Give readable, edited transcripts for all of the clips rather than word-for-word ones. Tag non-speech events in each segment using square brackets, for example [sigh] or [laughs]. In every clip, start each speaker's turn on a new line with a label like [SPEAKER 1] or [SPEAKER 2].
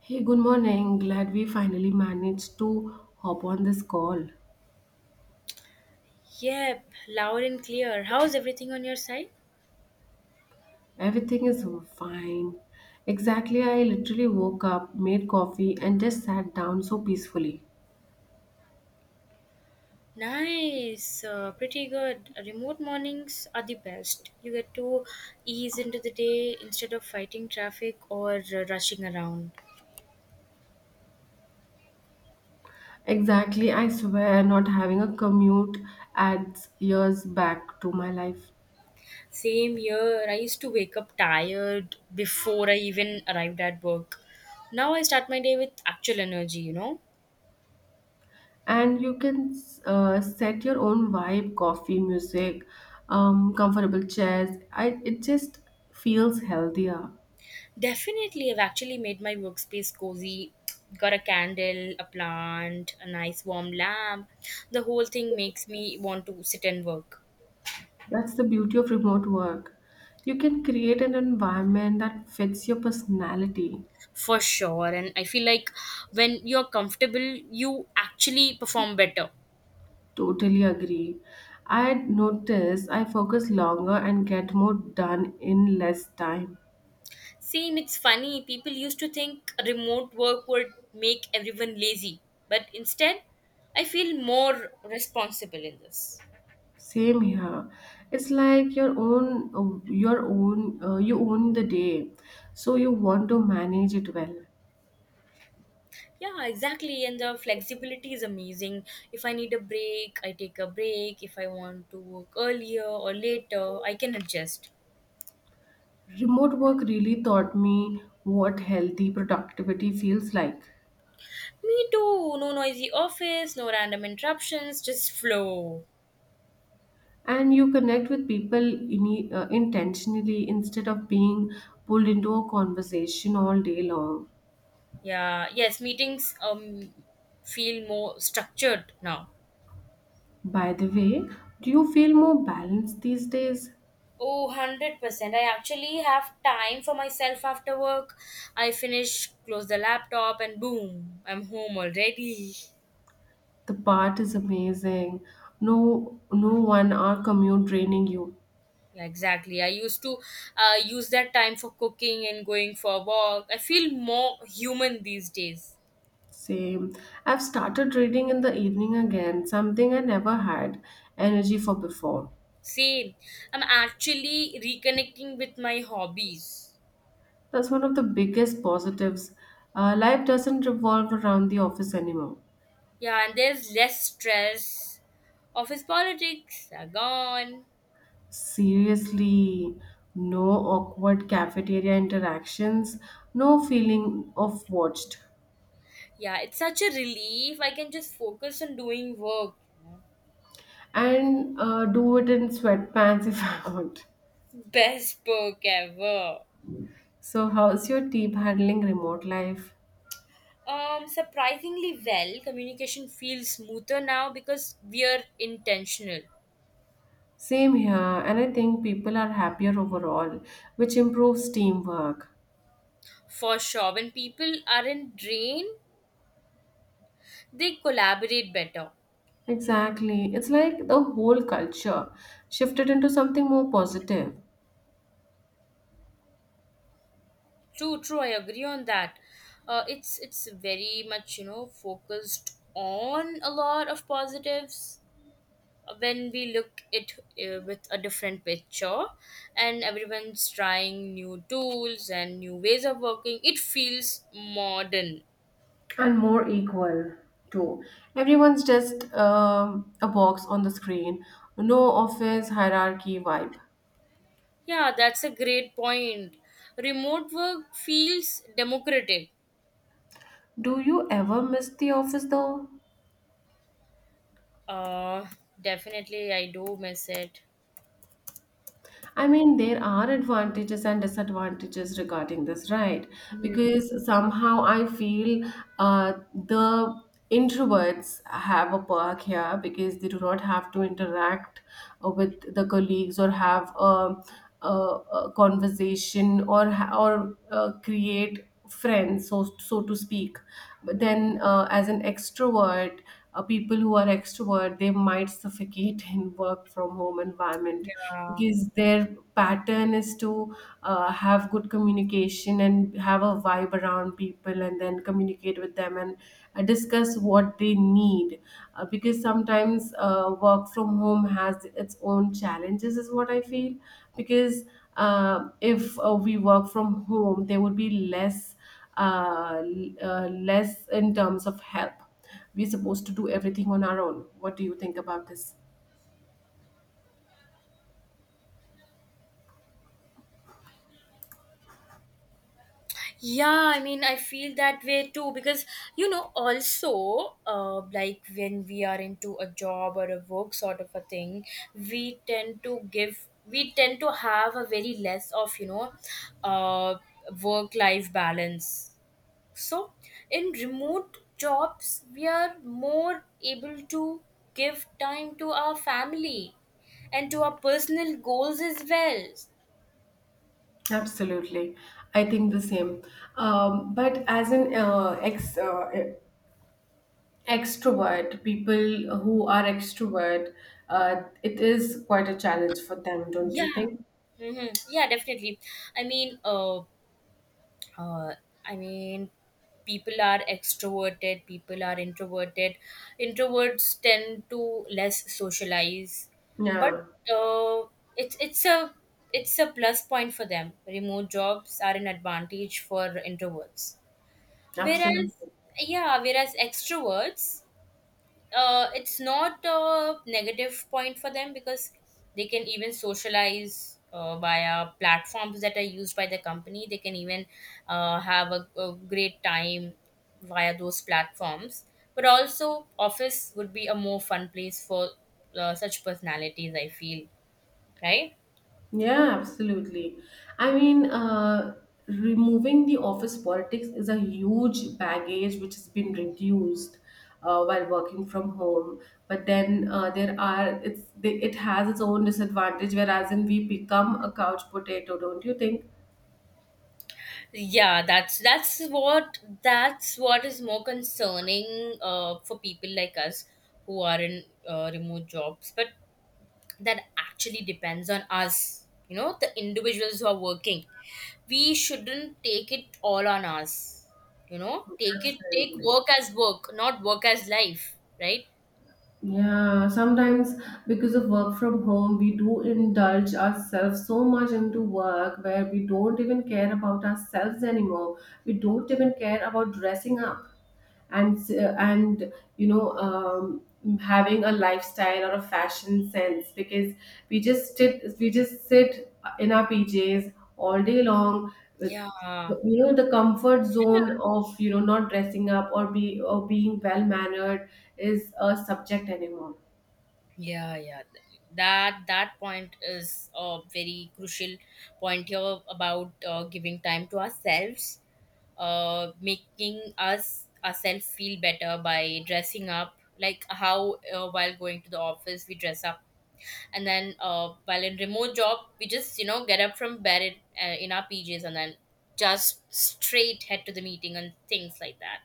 [SPEAKER 1] Hey, good morning. Glad we finally managed to hop on this call.
[SPEAKER 2] Yep, loud and clear. How's everything on your side?
[SPEAKER 1] Everything is fine. Exactly, I literally woke up, made coffee, and just sat down so peacefully.
[SPEAKER 2] Nice, pretty good. Remote mornings are the best. You get to ease into the day instead of fighting traffic or rushing around.
[SPEAKER 1] Exactly, I swear not having a commute adds years back to my life.
[SPEAKER 2] Same here, I used to wake up tired before I even arrived at work. Now I start my day with actual energy, you know?
[SPEAKER 1] And you can set your own vibe, coffee, music, comfortable chairs. It just feels healthier.
[SPEAKER 2] Definitely, I've actually made my workspace cozy. Got a candle, a plant, a nice warm lamp. The whole thing makes me want to sit and work
[SPEAKER 1] That's the beauty of remote work. You can create an environment that fits your personality.
[SPEAKER 2] for sure. And I feel like when you're comfortable, you actually perform better.
[SPEAKER 1] Totally agree. I notice I focus longer and get more done in less time.
[SPEAKER 2] Same, it's funny. People used to think remote work would make everyone lazy, but instead, I feel more responsible in this.
[SPEAKER 1] Same here. It's like your own, you own the day, so you want to manage it well.
[SPEAKER 2] Yeah, exactly. And the flexibility is amazing. If I need a break, I take a break. If I want to work earlier or later, I can adjust.
[SPEAKER 1] Remote work really taught me what healthy productivity feels like.
[SPEAKER 2] Me too. No noisy office, no random interruptions, just flow.
[SPEAKER 1] And you connect with people intentionally instead of being pulled into a conversation all day long.
[SPEAKER 2] Yeah, yes, meetings feel more structured now.
[SPEAKER 1] By the way, do you feel more balanced these days?
[SPEAKER 2] Oh, 100%. I actually have time for myself after work. I finish, close the laptop, and boom, I'm home already.
[SPEAKER 1] The part is amazing. No, no 1 hour commute draining you.
[SPEAKER 2] Yeah, exactly. I used to use that time for cooking and going for a walk. I feel more human these days.
[SPEAKER 1] Same. I've started reading in the evening again, something I never had energy for before.
[SPEAKER 2] Same. I'm actually reconnecting with my hobbies.
[SPEAKER 1] That's one of the biggest positives. Life doesn't revolve around the office anymore.
[SPEAKER 2] Yeah, and there's less stress. Office politics are gone.
[SPEAKER 1] Seriously, no awkward cafeteria interactions, no feeling of watched,
[SPEAKER 2] Yeah, it's such a relief. I can just focus on doing work. You know?
[SPEAKER 1] and do it in sweatpants [laughs] if I want.
[SPEAKER 2] Best book ever.
[SPEAKER 1] So, how's your team handling remote life?
[SPEAKER 2] Surprisingly well, communication feels smoother now because we are intentional.
[SPEAKER 1] Same here, and I think people are happier overall, which improves teamwork.
[SPEAKER 2] For sure, when people aren't drained, they collaborate better.
[SPEAKER 1] Exactly, it's like the whole culture shifted into something more positive.
[SPEAKER 2] True, true. I agree on that. It's very much focused on a lot of positives when we look it with a different picture, and everyone's trying new tools and new ways of working. It feels modern.
[SPEAKER 1] And more equal too. Everyone's just a box on the screen. No office hierarchy vibe.
[SPEAKER 2] Yeah, that's a great point. Remote work feels democratic.
[SPEAKER 1] Do you ever miss the office though?
[SPEAKER 2] Uh, Definitely, I do miss it.
[SPEAKER 1] I mean, there are advantages and disadvantages regarding this, right? Because somehow I feel the introverts have a perk here because they do not have to interact with the colleagues or have a conversation or create friends, so so to speak. But then, as an extrovert, people who are extrovert they might suffocate [laughs] in work from home environment
[SPEAKER 2] Yeah.
[SPEAKER 1] because their pattern is to have good communication and have a vibe around people and then communicate with them and discuss what they need because sometimes work from home has its own challenges is what I feel because if we work from home there would be less less in terms of help. We're supposed to do everything on our own. What do you think about this?
[SPEAKER 2] Yeah, I mean, I feel that way too because also, like when we are into a job or a work sort of a thing, we tend to have a very less of uh, work life balance. So, in remote jobs, we are more able to give time to our family and to our personal goals as well.
[SPEAKER 1] Absolutely, I think the same. But as an ex extrovert, people who are extrovert, it is quite a challenge for them, don't you
[SPEAKER 2] Yeah.
[SPEAKER 1] think?
[SPEAKER 2] Hmm. Yeah, definitely. I mean, uh, uh, I mean, people are extroverted, people are introverted. Introverts tend to less socialize, but
[SPEAKER 1] Yeah,
[SPEAKER 2] uh, it's it's a it's a plus point for them. Remote jobs are an advantage for introverts. Whereas,
[SPEAKER 1] absolutely.
[SPEAKER 2] yeah, whereas extroverts, it's not a negative point for them because they can even socialize via platforms that are used by the company. They can even have a great time via those platforms. But also, office would be a more fun place for such personalities. I feel, right?
[SPEAKER 1] Yeah, absolutely. I mean, removing the office politics is a huge baggage which has been reduced while working from home. But then there are it's it has its own disadvantage. Whereas in we become a couch potato, don't you think?
[SPEAKER 2] Yeah, that's what is more concerning for people like us who are in remote jobs. But that actually depends on us, the individuals who are working. We shouldn't take it all on us, take
[SPEAKER 1] Absolutely.
[SPEAKER 2] work as work, not work as life, right?
[SPEAKER 1] Yeah, sometimes because of work from home, we do indulge ourselves so much into work where we don't even care about ourselves anymore. We don't even care about dressing up and and you know um, having a lifestyle or a fashion sense because we just sit in our PJs all day long.
[SPEAKER 2] Yeah,
[SPEAKER 1] You know, the comfort zone of, you know, not dressing up or be or being well mannered is a subject anymore.
[SPEAKER 2] yeah, yeah, that point is a very crucial point here about giving time to ourselves, making us ourselves feel better by dressing up, like how, while going to the office, we dress up. And then, while in remote job, we just get up from bed in our pjs, and then just straight head to the meeting and things like that.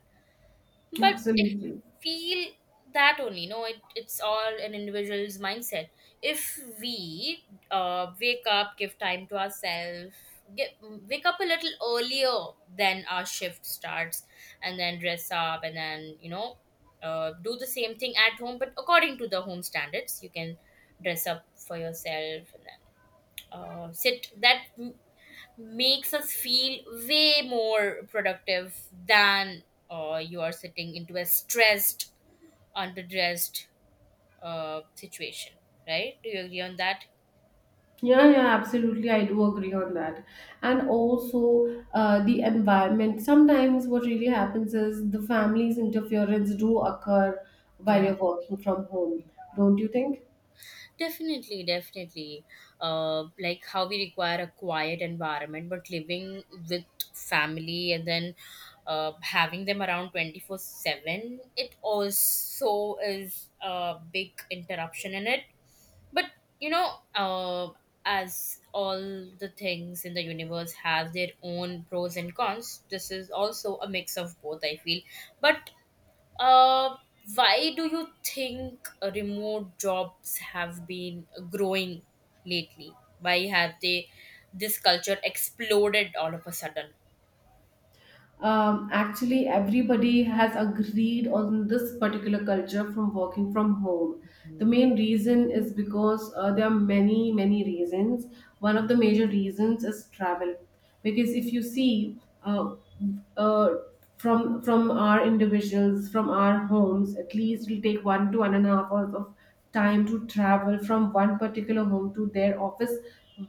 [SPEAKER 2] But I
[SPEAKER 1] Absolutely.
[SPEAKER 2] feel that only. No, it's all an individual's mindset. If we wake up, give time to ourselves, wake up a little earlier than our shift starts, and then dress up, and then, do the same thing at home, but according to the home standards, you can dress up for yourself and then sit. That makes us feel way more productive than you are sitting into a stressed, underdressed situation, right? Do you agree on that?
[SPEAKER 1] Yeah, yeah, absolutely, I do agree on that. And also the environment, sometimes what really happens is the family's interference do occur while
[SPEAKER 2] Yeah.
[SPEAKER 1] you're working from home, don't you think?
[SPEAKER 2] Definitely, definitely. Like how we require a quiet environment, but living with family and then having them around 24/7, it also is a big interruption in it. But you know, uh, as all the things in the universe have their own pros and cons, this is also a mix of both. I feel. But uh, why do you think remote jobs have been growing lately? Why have they this culture exploded all of a sudden?
[SPEAKER 1] Actually, everybody has agreed on this particular culture from working from home. The main reason is because there are many reasons. One of the major reasons is travel, because if you see, uh, from our individuals, from our homes, at least it'll take one to one and a half hours of time to travel from one particular home to their office.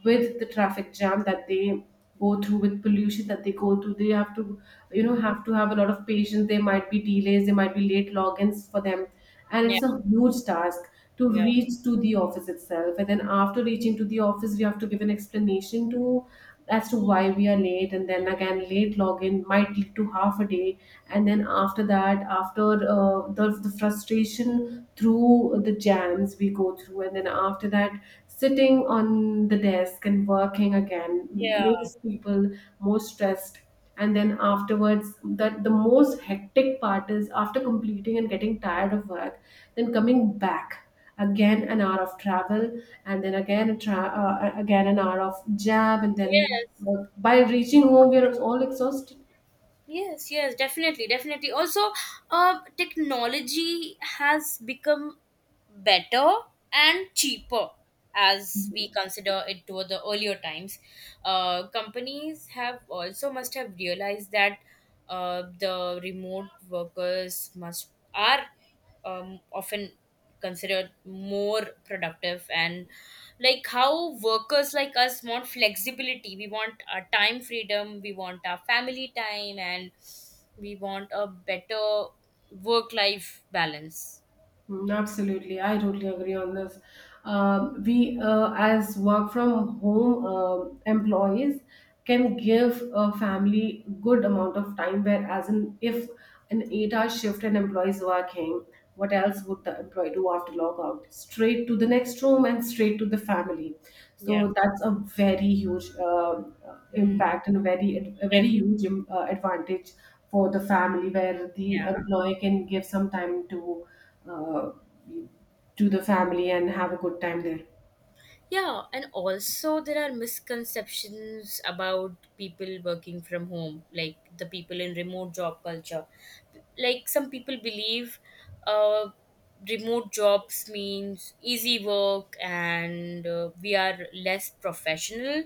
[SPEAKER 1] With the traffic jam that they go through, with pollution that they go through, they have to, you know,
[SPEAKER 2] Mm.
[SPEAKER 1] have to have a lot of patience. There might be delays, there might be late logins for them. And
[SPEAKER 2] Yeah,
[SPEAKER 1] it's a huge task to
[SPEAKER 2] yeah,
[SPEAKER 1] reach to the office itself. And then after reaching to the office, we have to give an explanation to as to why we are late, and then again late login might lead to half a day. And then after that, after the frustration through the jams we go through, and then after that sitting on the desk and working again
[SPEAKER 2] yeah.
[SPEAKER 1] makes people more stressed. And then afterwards, that the most hectic part is, after completing and getting tired of work, then coming back again an hour of travel, and then again a again an hour of jab, and then
[SPEAKER 2] Yes.
[SPEAKER 1] by reaching home we are all exhausted.
[SPEAKER 2] Yes, yes, definitely, definitely. Also, technology has become better and cheaper as we consider it to the earlier times. Companies have also must have realized that the remote workers must are often considered more productive, and like how workers like us want flexibility, we want our time freedom, we want our family time, and we want a better work life balance.
[SPEAKER 1] Mm, absolutely, I totally agree on this. As work from home employees, can give a family good amount of time. Whereas, in, if an eight-hour shift and employees working, what else would the employee do after log out? Straight to the next room and straight to the family.
[SPEAKER 2] Yeah.
[SPEAKER 1] So that's a very huge
[SPEAKER 2] Hmm.
[SPEAKER 1] impact and a very
[SPEAKER 2] Pref-
[SPEAKER 1] huge advantage for the family, where the
[SPEAKER 2] Yeah.
[SPEAKER 1] employee can give some time uh, to the family and have a good time there.
[SPEAKER 2] Yeah, and also there are misconceptions about people working from home, like the people in remote job culture. Like some people believe uh, remote jobs means easy work and we are less professional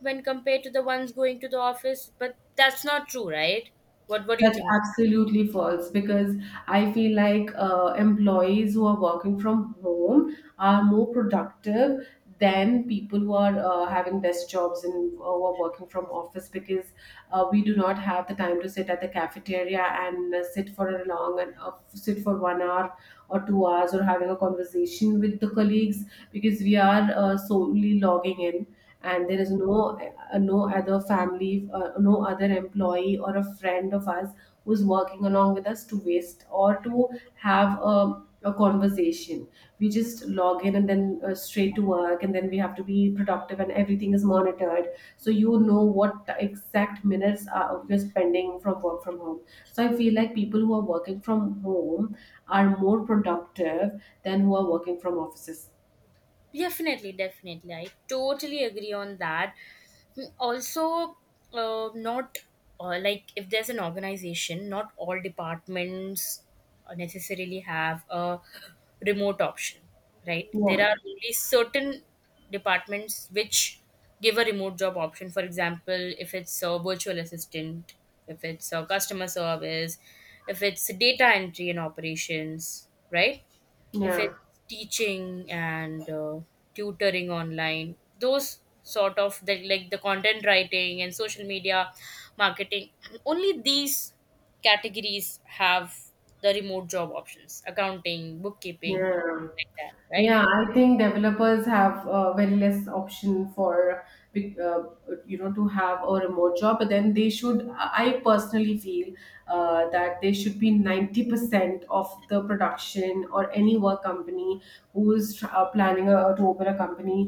[SPEAKER 2] when compared to the ones going to the office, but that's not true, right? What do you
[SPEAKER 1] That's
[SPEAKER 2] think?
[SPEAKER 1] absolutely false, because I feel like employees who are working from home are more productive than people who are having desk jobs and who are working from office. Because we do not have the time to sit at the cafeteria and sit for a long and sit for 1 hour or 2 hours or having a conversation with the colleagues. Because we are solely logging in and there is no no other family, no other employee or a friend of us who's working along with us to waste or to have a conversation. We just log in and then, straight to work, and then we have to be productive and everything is monitored. So you know what exact minutes are you're spending from work from home. So I feel like people who are working from home are more productive than who are working from offices.
[SPEAKER 2] Definitely, definitely. I totally agree on that. Hmm. Also, not, like, if there's an organization, not all departments necessarily have a remote option, right? There
[SPEAKER 1] Yeah,
[SPEAKER 2] are only certain departments which give a remote job option. For example, if it's a virtual assistant, if it's a customer service, if it's data entry and operations, right? If it's
[SPEAKER 1] yeah,
[SPEAKER 2] teaching and tutoring online, those sort of like the content writing and social media marketing [clears throat] only these categories have the remote job options, accounting, bookkeeping,
[SPEAKER 1] yeah.
[SPEAKER 2] like that, right?
[SPEAKER 1] Yeah, I think developers have very less option for be- uh, you know to have a remote job, but then they should. I personally feel that they should be 90% of the production or any work company who is planning to open a company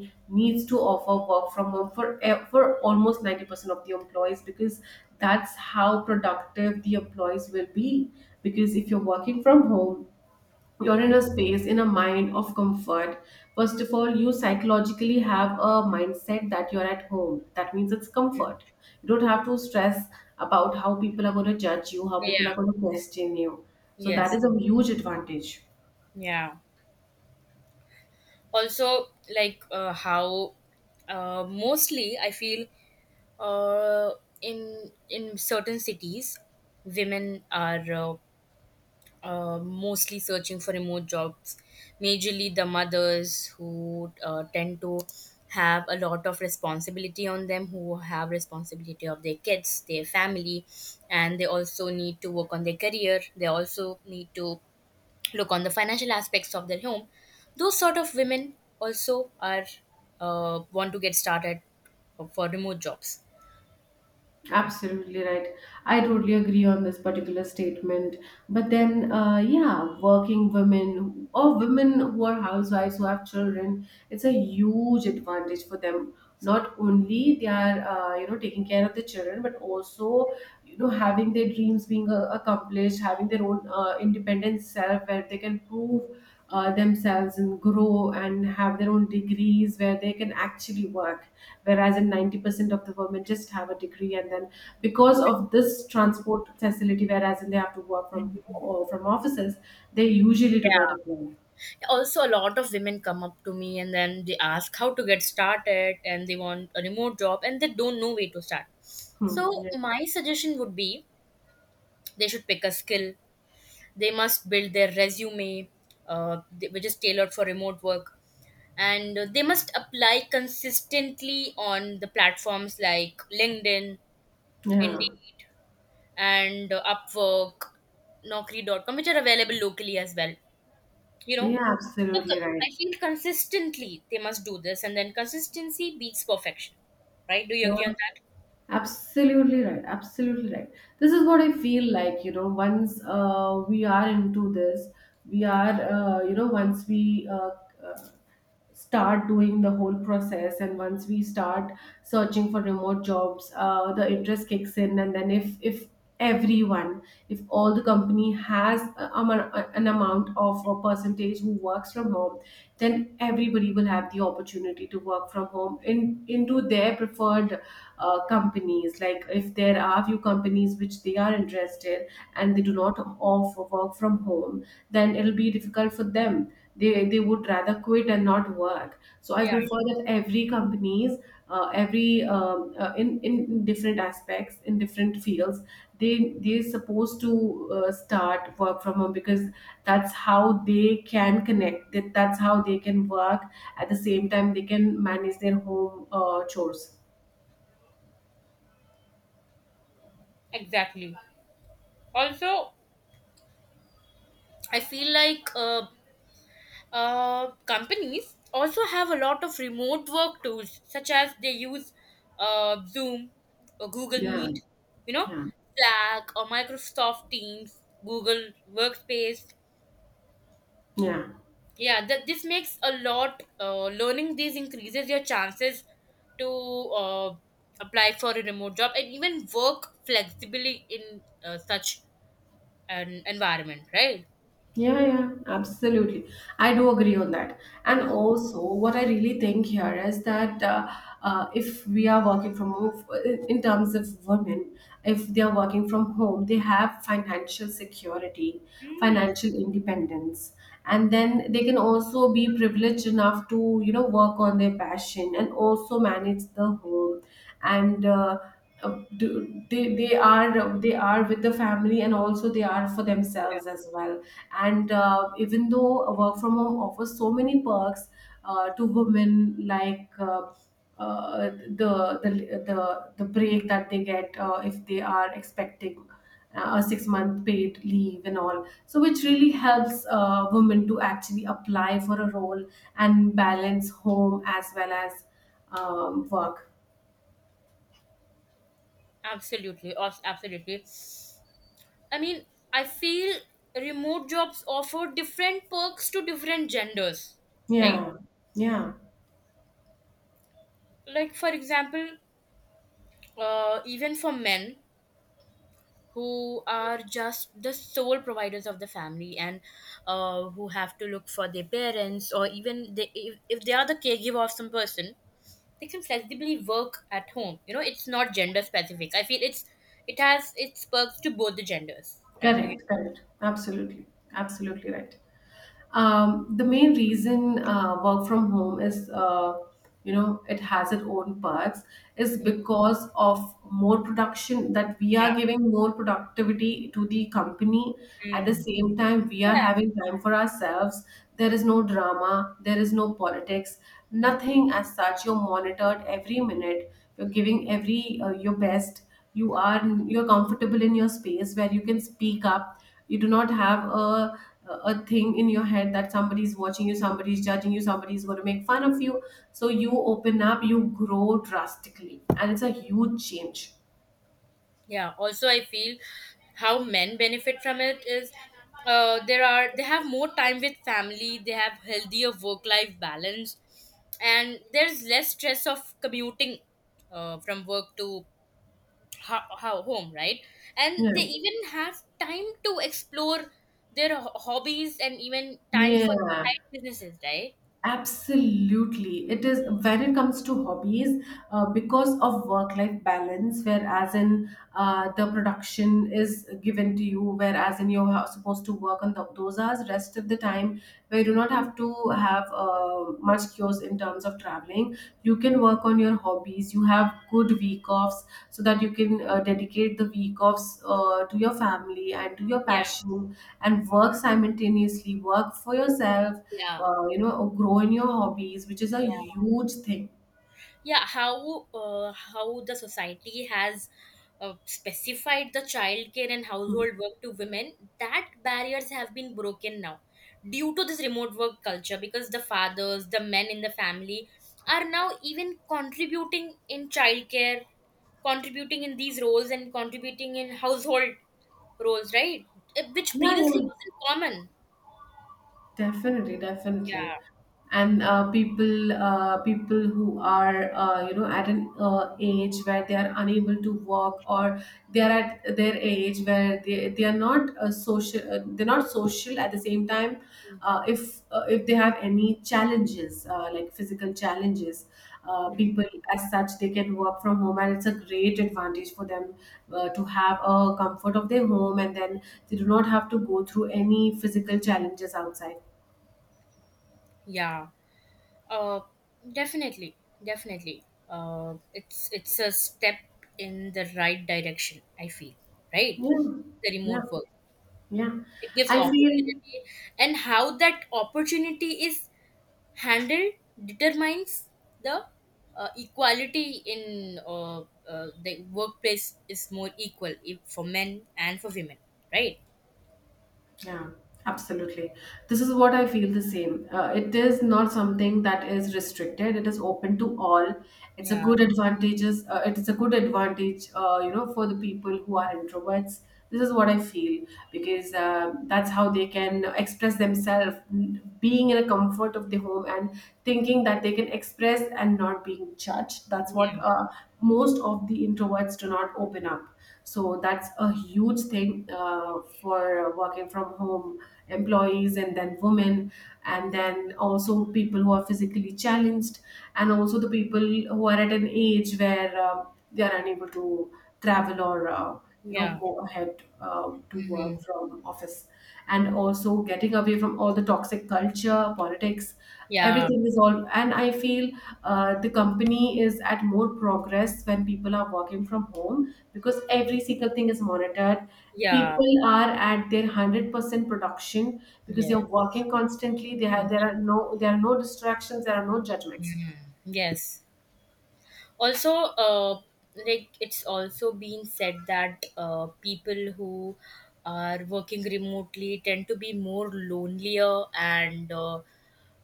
[SPEAKER 1] needs to offer work from home for for almost 90% of the employees, because that's how productive the employees will be. Because if you're working from home, you're in
[SPEAKER 2] Mm-hmm.
[SPEAKER 1] a space, in a mind of comfort. First of all, you psychologically have a mindset that you're at home. That means it's comfort. You don't have to stress about how people are going to judge you, how people are
[SPEAKER 2] Yeah,
[SPEAKER 1] going to question you. So, that
[SPEAKER 2] yes,
[SPEAKER 1] is a huge advantage.
[SPEAKER 2] yeah, also, like how mostly I feel, uh, in certain cities women are, mostly searching for remote jobs, majorly the mothers who tend to have a lot of responsibility on them, who have responsibility of their kids, their family, and they also need to work on their career. They also need to look on the financial aspects of their home. Those sort of women also are want to get started for remote jobs.
[SPEAKER 1] Absolutely right. I totally agree on this particular statement. But then, yeah, working women or women who are housewives who have children, it's a huge advantage for them. Not only they are, you know, taking care of the children, but also, you know, having their dreams being accomplished, having their own independent self where they can prove themselves and grow and have their own degrees where they can actually work. Whereas in 90% of the women just have a degree, and then because of this transport facility whereas in they have to work from or from offices, they usually do not
[SPEAKER 2] Yeah.
[SPEAKER 1] apply.
[SPEAKER 2] Also, a lot of women come up to me and then they ask how to get started, and they want a remote job and they don't know where to start. So
[SPEAKER 1] Hmm. Yeah.
[SPEAKER 2] my suggestion would be, they should pick a skill, they must build their resume, which is tailored for remote work. And they must apply consistently on the platforms like linkedin,
[SPEAKER 1] Yeah,
[SPEAKER 2] indeed, and upwork, Naukri.com, which are available locally as well, you know
[SPEAKER 1] yeah,
[SPEAKER 2] so
[SPEAKER 1] absolutely right.
[SPEAKER 2] I feel consistently they must do this, and then consistency beats perfection, right? Do you agree on that?
[SPEAKER 1] Absolutely right. Absolutely right. This is what I feel like, you know, once we are into this, we are, you know, once we uh, start doing the whole process, and once we start searching for remote jobs, the interest kicks in. And then if everyone, if all the company has an amount of a percentage who works from home, then everybody will have the opportunity to work from home in into their preferred companies. Like if there are few companies which they are interested and they do not offer work from home, then it'll be difficult for them. They would rather quit and not work. So I
[SPEAKER 2] Yeah,
[SPEAKER 1] prefer that every companies, every in different aspects, in different fields, they they're supposed to start work from home, because that's how they can connect, that's how they can work. At the same time, they can manage their home chores.
[SPEAKER 2] exactly. Also, I feel like companies also have a lot of remote work tools, such as they use zoom or google
[SPEAKER 1] Yeah,
[SPEAKER 2] meet, you know
[SPEAKER 1] yeah,
[SPEAKER 2] slack or microsoft teams, google workspace,
[SPEAKER 1] yeah.
[SPEAKER 2] yeah, that this makes a lot, learning these increases your chances to uh, apply for a remote job and even work flexibly in such an environment, right?
[SPEAKER 1] Yeah, yeah, absolutely. I do agree on that. And
[SPEAKER 2] Mhm.
[SPEAKER 1] also, what I really think here is that if we are working from home, in terms of women, if they are working from home, they have financial security,
[SPEAKER 2] Mm,
[SPEAKER 1] financial independence, and then they can also be privileged enough to, work on their passion and also manage the home and they are with the family and also they are for themselves as well. And even though a work from home offers so many perks to women, like uh, the break that they get if they are expecting a 6 month paid leave and all. So, which really helps women to actually apply for a role and balance home as well as work.
[SPEAKER 2] absolutely, absolutely. I mean, I feel remote jobs offer different perks to different genders, right?
[SPEAKER 1] Yeah, yeah,
[SPEAKER 2] Like, for example, even for men, who are just the sole providers of the family and who have to look for their parents, or even they, if they are the caregiver of some person, they can flexibly work at home, it's not gender specific, I feel. It has its perks to both the genders, right? Do you...
[SPEAKER 1] correct, correct. Absolutely, absolutely right. The main reason work from home is, it has its own perks, is
[SPEAKER 2] Mm.
[SPEAKER 1] because of more production, that we
[SPEAKER 2] Yeah.
[SPEAKER 1] are giving more productivity to the company. At the
[SPEAKER 2] Mm.
[SPEAKER 1] same time, we are
[SPEAKER 2] Yeah,
[SPEAKER 1] having time for ourselves. There is no drama, there is no politics, nothing as such. You're monitored every minute, you're giving every your best. You are, you're comfortable in your space where you can speak up. You do not have a thing in your head that somebody's watching you, somebody's judging you, somebody's going to make fun of you. So you open up, you grow drastically, and it's a huge change.
[SPEAKER 2] yeah, also I feel how men benefit from it is, there are they have more time with family, they have healthier work life balance, and there's less stress of commuting from work to home, right? And
[SPEAKER 1] Yeah,
[SPEAKER 2] they even have time to explore their hobbies, and even time for their
[SPEAKER 1] yeah.
[SPEAKER 2] side businesses, right?
[SPEAKER 1] Absolutely. It is, when it comes to hobbies, because of work life balance, whereas in the production is given to you, whereas in you're supposed to work on those hours, rest of the time, where you do not have to have much cures in terms of traveling. You can work on your hobbies, you have good week offs so that you can dedicate the week offs to your family and to your
[SPEAKER 2] Yeah,
[SPEAKER 1] passion and work simultaneously, work for yourself,
[SPEAKER 2] yeah,
[SPEAKER 1] grow in your hobbies, which is a huge thing.
[SPEAKER 2] yeah, how the society has specified the childcare and
[SPEAKER 1] Hmm.
[SPEAKER 2] household work to women, that barriers have been broken now due to this remote work culture, because the fathers, the men in the family, are now even contributing in childcare, contributing in these roles, and contributing in household roles, right? Which
[SPEAKER 1] Yeah,
[SPEAKER 2] previously
[SPEAKER 1] yeah,
[SPEAKER 2] wasn't common.
[SPEAKER 1] definitely, definitely.
[SPEAKER 2] Yeah.
[SPEAKER 1] And people who are, you know, at an age where they are unable to work, or they are at their age where they are not social, they're not social at the same time. If if they have any challenges like physical challenges,
[SPEAKER 2] Mhm.
[SPEAKER 1] people as such, they can work from home, and it's a great advantage for them, to have a comfort of their home, and then they do not have to go through any physical challenges outside.
[SPEAKER 2] Yeah. Uh, Definitely, definitely. It's a step in the right direction. I feel, right?
[SPEAKER 1] Yeah,
[SPEAKER 2] The
[SPEAKER 1] yeah.
[SPEAKER 2] remote work,
[SPEAKER 1] Yeah,
[SPEAKER 2] it gives
[SPEAKER 1] I feel,
[SPEAKER 2] opportunity, and how that opportunity is handled determines the, equality in, the workplace is more equal, if for men and for women, right?
[SPEAKER 1] yeah, absolutely. This is what I feel the same. It is not something that is restricted. It is open to all. It's a
[SPEAKER 2] Yeah,
[SPEAKER 1] good advantages. It is a good advantage, for the people who are introverts. This is what I feel, because that's how they can express themselves, being in a comfort of the home and thinking that they can express and not being judged. That's what
[SPEAKER 2] yeah,
[SPEAKER 1] Most of the introverts do not open up. So that's a huge thing for working from home employees, and then women, and then also people who are physically challenged, and also the people who are at an age where they are unable to travel, or you know,
[SPEAKER 2] yeah.
[SPEAKER 1] go ahead to
[SPEAKER 2] Hmm.
[SPEAKER 1] work from office, and also getting away from all the toxic culture, politics,
[SPEAKER 2] Yeah,
[SPEAKER 1] everything is all. And I feel the company is at more progress when people are working from home, because every single thing is monitored.
[SPEAKER 2] yeah,
[SPEAKER 1] People are at their 100% production, because they are
[SPEAKER 2] yes.
[SPEAKER 1] working constantly. They have there are no distractions. There are no judgments.
[SPEAKER 2] Mhm. Yes. Also, uh, like it's also been said that people who are working remotely tend to be more lonelier, and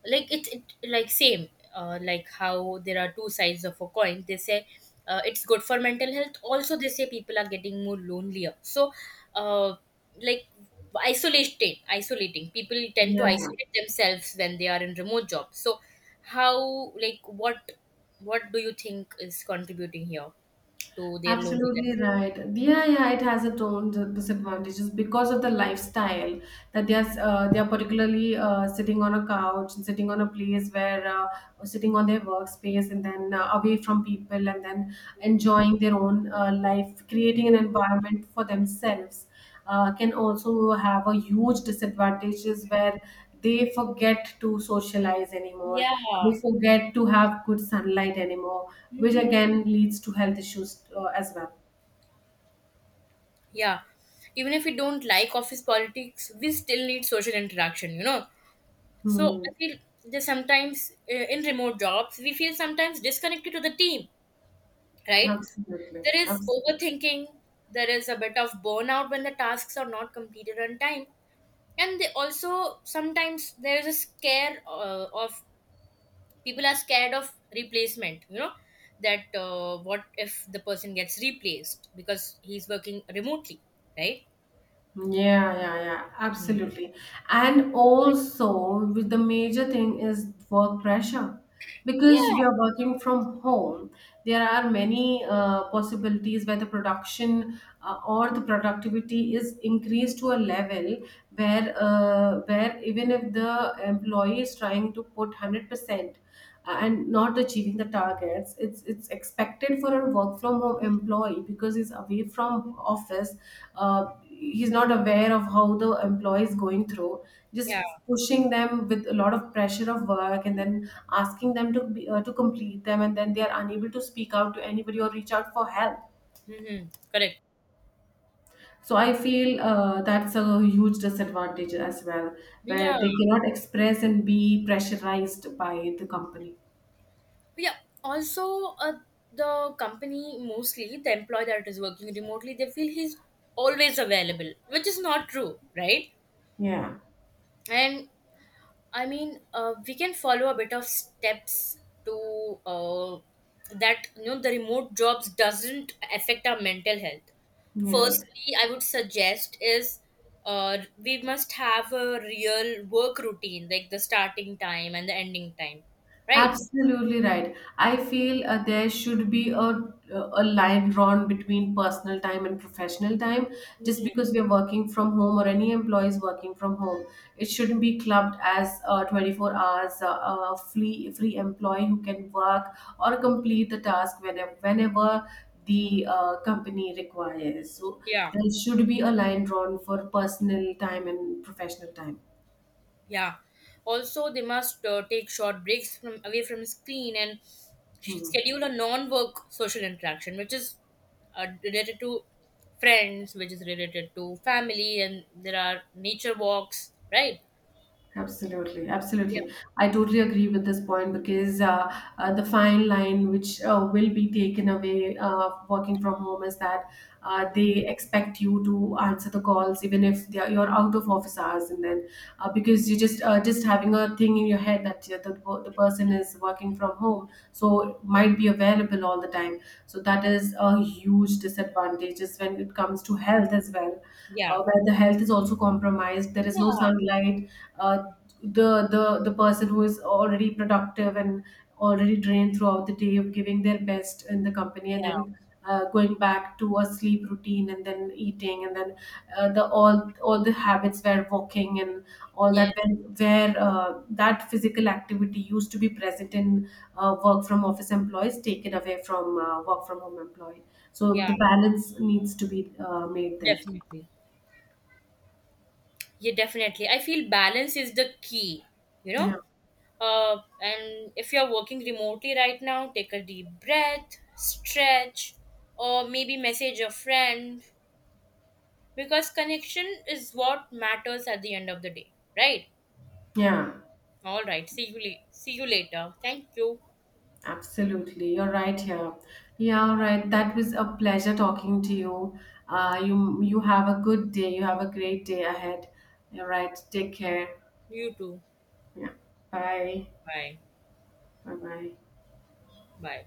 [SPEAKER 2] like it like same, like how there are two sides of a coin, they say. It's good for mental health, also they say people are getting more lonelier. So, uh, like, isolating, people tend to
[SPEAKER 1] Yeah.
[SPEAKER 2] isolate themselves when they are in remote jobs. So, how, like, what do you think is contributing here to their
[SPEAKER 1] Absolutely
[SPEAKER 2] loneliness?
[SPEAKER 1] right. Yeah, yeah, it has its own disadvantages because of the lifestyle that they are. They are particularly sitting on a couch, sitting on a place where, or sitting on their workspace, and then away from people, and then enjoying their own life, creating an environment for themselves. Can also have a huge disadvantages where they forget to socialize anymore, they
[SPEAKER 2] Yeah.
[SPEAKER 1] forget to have good sunlight anymore, which
[SPEAKER 2] Hmm.
[SPEAKER 1] again leads to health issues as well.
[SPEAKER 2] Yeah. Even if we don't like office politics, we still need social interaction. So
[SPEAKER 1] Hmm.
[SPEAKER 2] I feel that sometimes, in remote jobs, we feel sometimes disconnected to the team, right?
[SPEAKER 1] Absolutely,
[SPEAKER 2] There is
[SPEAKER 1] absolutely.
[SPEAKER 2] overthinking, there is a bit of burnout when the tasks are not completed on time. And they also sometimes, there is a scare of, people are scared of replacement, that, what if the person gets replaced because he's working remotely, right?
[SPEAKER 1] Yeah, yeah, yeah,
[SPEAKER 2] Mhm.
[SPEAKER 1] absolutely. And also, with the major thing is work pressure. Because
[SPEAKER 2] Yeah,
[SPEAKER 1] we are working from home, there are many possibilities where the production or the productivity is increased to a level where even if the employee is trying to put 100% and not achieving the targets, it's expected for a work from home employee because he's away from office. He's not aware of how the employee is going through, just
[SPEAKER 2] yeah.
[SPEAKER 1] pushing them with a lot of pressure of work and then asking them to be, to complete them, and then they are unable to speak out to anybody or reach out for help.
[SPEAKER 2] Hmm. Correct.
[SPEAKER 1] So I feel that's a huge disadvantage as well, where
[SPEAKER 2] Yeah.
[SPEAKER 1] they cannot express and be pressurized by the company.
[SPEAKER 2] Yeah. Also, the company, mostly, the employee that is working remotely, they feel he's always available, which is not true, right?
[SPEAKER 1] Yeah,
[SPEAKER 2] And I mean, we can follow a bit of steps to, that the remote jobs doesn't affect our mental health.
[SPEAKER 1] yeah.
[SPEAKER 2] Firstly, I would suggest is, we must have a real work routine, like the starting time and the ending time, right?
[SPEAKER 1] Absolutely right. I feel there should be a line drawn between personal time and professional time. Just
[SPEAKER 2] Mm.
[SPEAKER 1] because we're working from home, or any employee is working from home, it shouldn't be clubbed as 24 hours free employee who can work or complete the task whenever the company requires. So
[SPEAKER 2] Yeah.
[SPEAKER 1] there should be a line drawn for personal time and professional time.
[SPEAKER 2] Yeah. Also, they must take short breaks from away from screen and
[SPEAKER 1] Hmm.
[SPEAKER 2] schedule a non-work social interaction, which is, related to friends, which is related to family, and there are nature walks, right?
[SPEAKER 1] Absolutely,
[SPEAKER 2] Yeah.
[SPEAKER 1] absolutely. I totally agree with this point, because the fine line which will be taken away working from home is that they expect you to answer the calls even if you're out of office hours, and then because you just having a thing in your head that the person is working from home, so might be available all the time. So that is a huge disadvantage is when it comes to health as well,
[SPEAKER 2] Yeah.
[SPEAKER 1] where the health is also compromised, there is no
[SPEAKER 2] Yeah.
[SPEAKER 1] sunlight, uh, the the person who is already productive and already drained throughout the day of giving their best in the company, and
[SPEAKER 2] Yeah.
[SPEAKER 1] then going back to a sleep routine and then eating and then the all the habits where walking and all
[SPEAKER 2] Yeah.
[SPEAKER 1] that where that physical activity used to be present in work from office employees, taken away from work from home employee. So
[SPEAKER 2] Yeah.
[SPEAKER 1] the balance needs to be made there.
[SPEAKER 2] Definitely. Yeah, definitely. I feel balance is the key, you know?
[SPEAKER 1] Yeah.
[SPEAKER 2] And if you're working remotely right now, take a deep breath, stretch, or maybe message a friend, because connection is what matters at the end of the day, right?
[SPEAKER 1] Yeah,
[SPEAKER 2] All right. See you. See you later. Thank you.
[SPEAKER 1] absolutely. You're right here. Yeah, all right. That was a pleasure talking to you. You have a good day. You have a great day ahead. All right. Take care.
[SPEAKER 2] You too.
[SPEAKER 1] Yeah. Bye.
[SPEAKER 2] Bye.
[SPEAKER 1] Bye bye.
[SPEAKER 2] Bye.